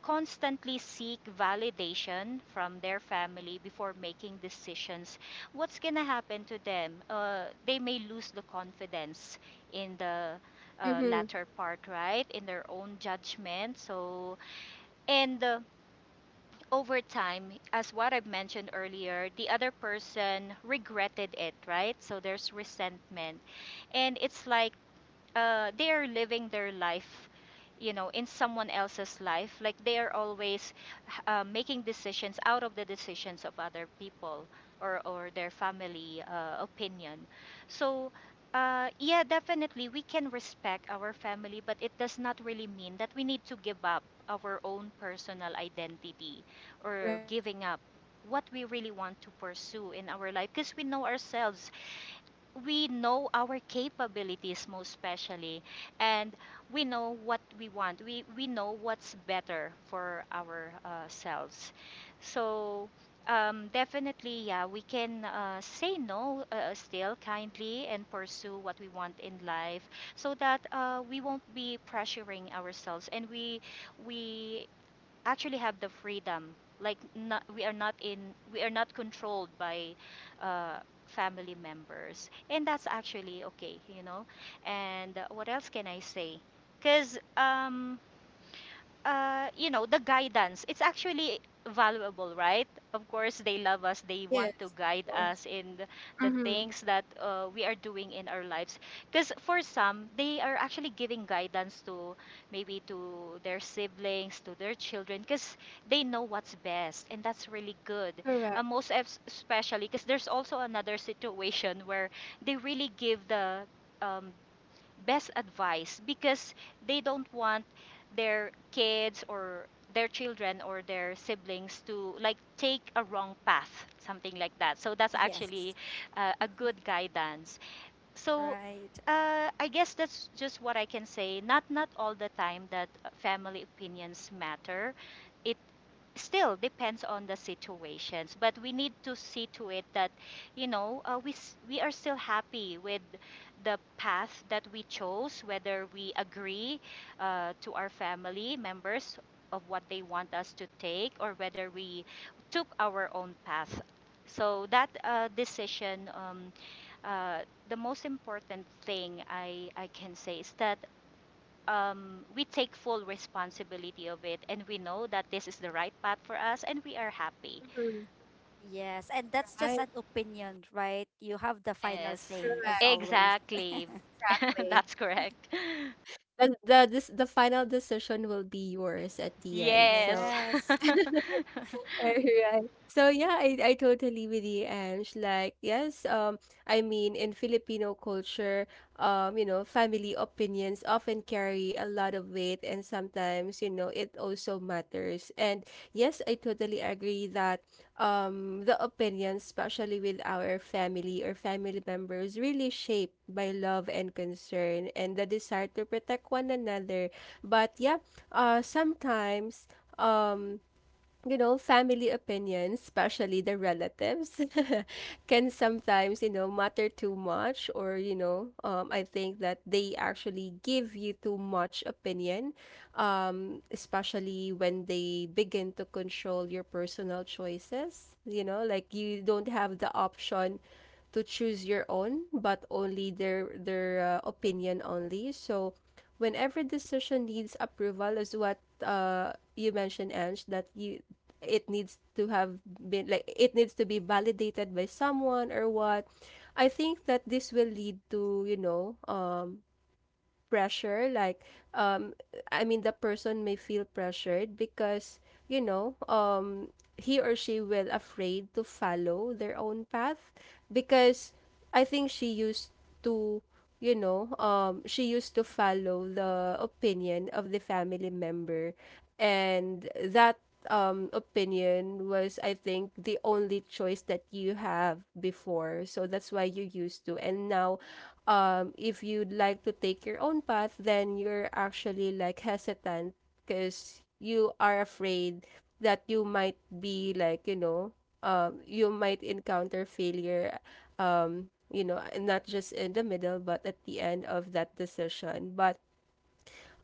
S3: constantly seek validation from their family before making decisions, what's gonna happen to them? They may lose the confidence in the
S1: Mm-hmm.
S3: latter part, right? In their own judgment. So, and over time, as what I've mentioned earlier, the other person regretted it, right? So there's resentment. And it's like they are living their life, you know, in someone else's life, like they are always making decisions out of the decisions of other people, or their family opinion. So yeah, definitely we can respect our family, but it does not really mean that we need to give up our own personal identity, or
S1: Right.
S3: giving up what we really want to pursue in our life, because we know ourselves, we know our capabilities most especially, and we know what we want, we know what's better for our selves. So definitely, yeah, we can say no still kindly, and pursue what we want in life, so that we won't be pressuring ourselves, and we actually have the freedom, like not, we are not in, we are not controlled by uh, family members. And that's actually okay, you know. And what else can I say, because you know, the guidance, it's actually valuable, right? Of course, they love us. They
S1: Yes.
S3: want to
S1: Of
S3: guide
S1: course.
S3: us in the
S1: Mm-hmm.
S3: things that we are doing in our lives. Because for some, they are actually giving guidance to, maybe to their siblings, to their children, because they know what's best, and that's really good.
S1: Correct.
S3: Most especially because there's also another situation where they really give the um, best advice, because they don't want their kids, or their children or their siblings, to like take a wrong path, something like that. So that's actually
S2: Yes.
S3: a good guidance. So
S2: Right.
S3: I guess that's just what I can say. Not all the time that family opinions matter, it still depends on the situations. But we need to see to it that you know we are still happy with the path that we chose, whether we agree to our family members of what they want us to take, or whether we took our own path. So that decision, uh, the most important thing I can say is that we take full responsibility of it, and we know that this is the right path for us and we are happy.
S2: Yes. And that's just an
S1: Right,
S2: opinion, right? You have the final
S3: Yes,
S2: say as
S1: correctly.
S2: always.
S3: exactly. That's correct.
S1: And the this the final decision will be yours at the end.
S3: Yes.
S1: So
S2: Yes.
S1: Alright. So yeah, I totally with you, Ange. Like, yes, I mean, in Filipino culture, you know, family opinions often carry a lot of weight and sometimes, you know, it also matters. And yes, I totally agree that the opinions, especially with our family or family members, really shaped by love and concern and the desire to protect one another. But yeah, sometimes um you know, family opinions, especially the relatives, can sometimes, you know, matter too much, or, you know, I think that they actually give you too much opinion, especially when they begin to control your personal choices. You know, like you don't have the option to choose your own, but only their opinion only. So, when every decision needs approval, is what you mentioned, Ange, that you it needs to have been like it needs to be validated by someone or what I think that this will lead to, you know, pressure, like um I mean, the person may feel pressured because, you know, he or she will afraid to follow their own path because I think she used to, you know, she used to follow the opinion of the family member, and that opinion was, I think, the only choice that you have before, so that's why you used to. And now, if you'd like to take your own path, then you're actually like hesitant because you are afraid that you might be like, you know, you might encounter failure, you know, not just in the middle, but at the end of that decision. But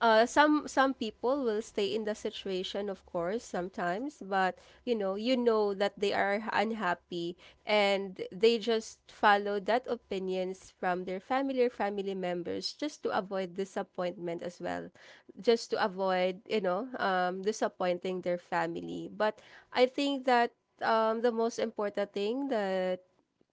S1: some people will stay in the situation, of course, sometimes, but you know that they are unhappy and they just follow that opinions from their family or family members just to avoid disappointment as well, just to avoid, disappointing their family. But I think that, the most important thing that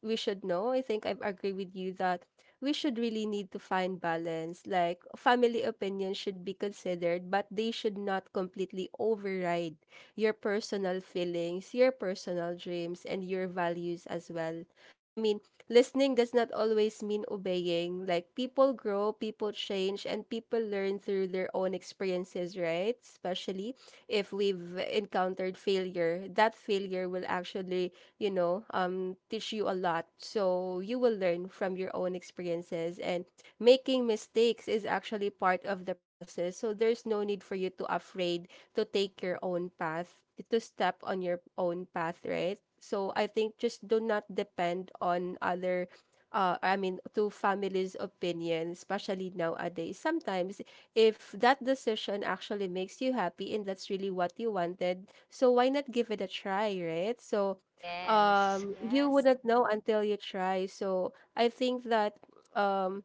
S1: we should know. I think I agree with you that we should really need to find balance. Like family opinions should be considered, but they should not completely override your personal feelings, your personal dreams, and your values as well. I mean, listening does not always mean obeying. Like people grow, people change, and people learn through their own experiences, right? Especially if we've encountered failure, that failure will actually, teach you a lot. So you will learn from your own experiences, and making mistakes is actually part of the process. So there's no need for you to afraid to take your own path, to step on your own path, right? So I think just do not depend on other I mean, to families' opinion, especially nowadays. Sometimes, if that decision actually makes you happy and that's really what you wanted, so why not give it a try, right? So,
S3: Yes.
S1: you
S2: Yes.
S1: wouldn't know until you try, so I think that um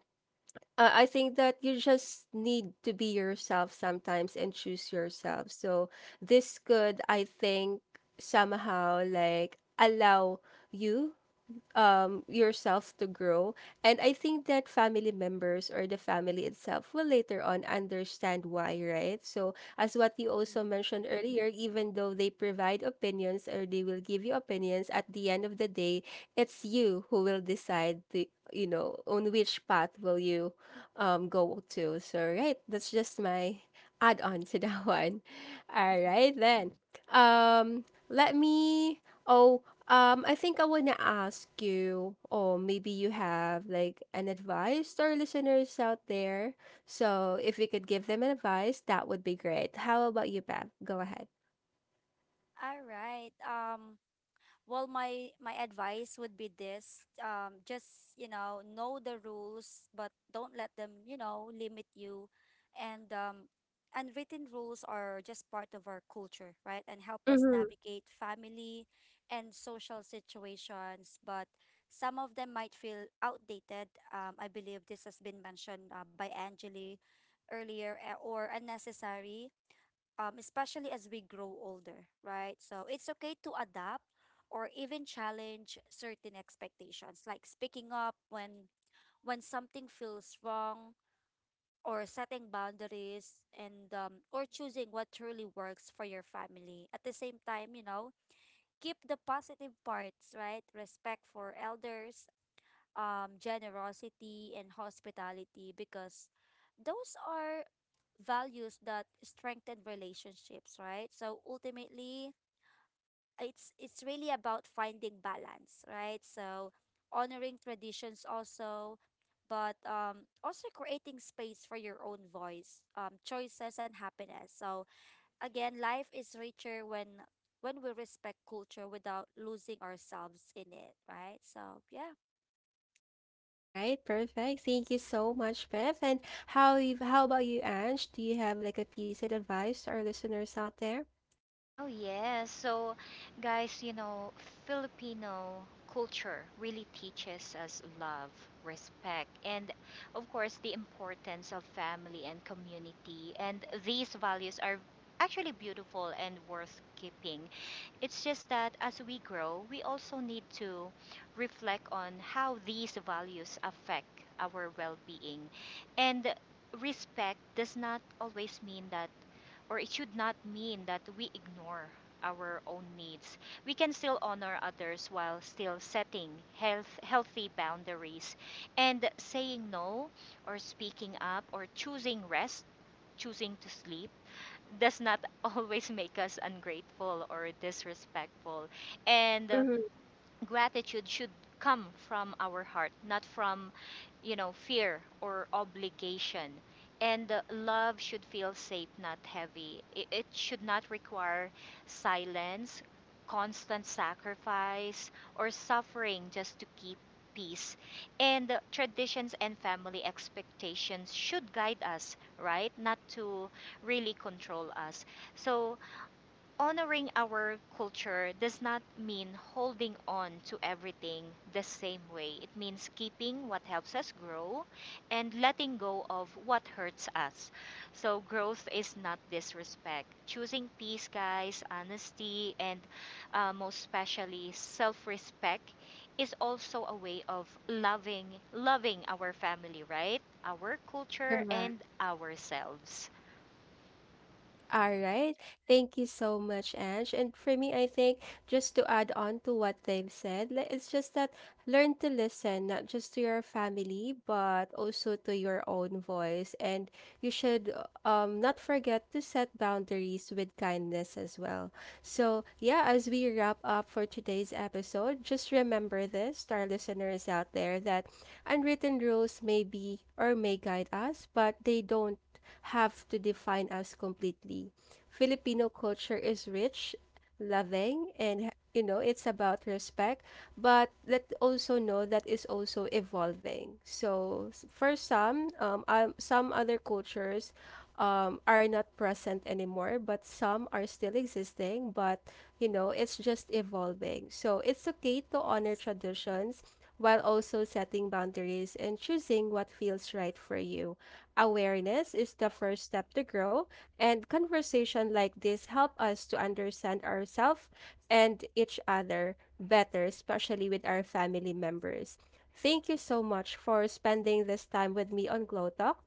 S1: I think that you just need to be yourself sometimes and choose yourself, so this could, I think, somehow like allow you yourself to grow. And I think that family members or the family itself will later on understand why, right? So as what you also
S2: Mm-hmm.
S1: mentioned earlier, even though they provide opinions or they will give you opinions, at the end of the day, it's you who will decide the, you know, on which path will you go to. So right, that's just my add on to that one. All right, then. um Let me, oh, I think I want to ask you, or maybe you have like an advice to our listeners out there. So if we could give them an advice, that would be great. How about you, Bev? Go ahead.
S2: All right. Well, my my advice would be this. Just, you know the rules, but don't let them, you know, limit you. And unwritten rules are just part of our culture, right? And help us
S1: Mm-hmm.
S2: navigate family and social situations. But some of them might feel outdated. I believe this has been mentioned, by Angeli earlier, eh, or unnecessary, especially as we grow older, right? So it's okay to adapt or even challenge certain expectations, like speaking up when something feels wrong, or setting boundaries, and or choosing what truly works for your family. At the same time, you know, keep the positive parts, right? Respect for elders, generosity and hospitality, because those are values that strengthen relationships, right? So ultimately, it's really about finding balance, right? So honoring traditions also, but, also creating space for your own voice, choices, and happiness. So again, life is richer when we respect culture without losing ourselves in it, right? So yeah,
S1: All right, perfect. Thank you so much, Bev. And how you, how about you, Ange? Do you have like a piece of advice to our listeners out there?
S3: Oh, yes. So, guys, you know, Filipino culture really teaches us love, respect, and of course, the importance of family and community. And these values are actually beautiful and worth keeping. It's just that as we grow, we also need to reflect on how these values affect our well being. And respect does not always mean that, or it should not mean that we ignore our own needs. We can still honor others while still setting healthy boundaries. And saying no, or speaking up, or choosing rest, choosing to sleep, does not always make us ungrateful or disrespectful. And
S1: Mm-hmm.
S3: gratitude should come from our heart, not from, you know, fear or obligation. And love should feel safe, not heavy. It should not require silence, constant sacrifice, or suffering just to keep peace. And traditions and family expectations should guide us, right? Not to really control us. So, honoring our culture does not mean holding on to everything the same way. It means keeping what helps us grow and letting go of what hurts us. So, growth is not disrespect. Choosing peace, guys, honesty, and most especially self respect, is also a way of loving our family, right, our culture,
S1: Correct.
S3: and ourselves.
S1: All right. Thank you so much, Ange. And for me, I think just to add on to what they've said, like, it's just that learn to listen, not just to your family, but also to your own voice. And you should, not forget to set boundaries with kindness as well. So, yeah, as we wrap up for today's episode, just remember this to our listeners out there that unwritten rules may be or may guide us, but they don't have to define us completely. Filipino culture is rich, loving, and you know, it's about respect, but let also know that is also evolving. So for some other cultures are not present anymore, but some are still existing, but you know, it's just evolving. So it's okay to honor
S2: yes.
S1: traditions while also setting boundaries and choosing what feels right for you. Awareness is the first step to grow, and conversation like this help us to understand ourselves and each other better, especially with our family members. Thank you so much for spending this time with me on Glow Talk.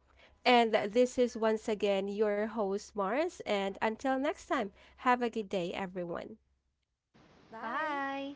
S1: And this is once again your host, Mars. And until next time, have a good day, everyone.
S2: Bye.
S3: Bye.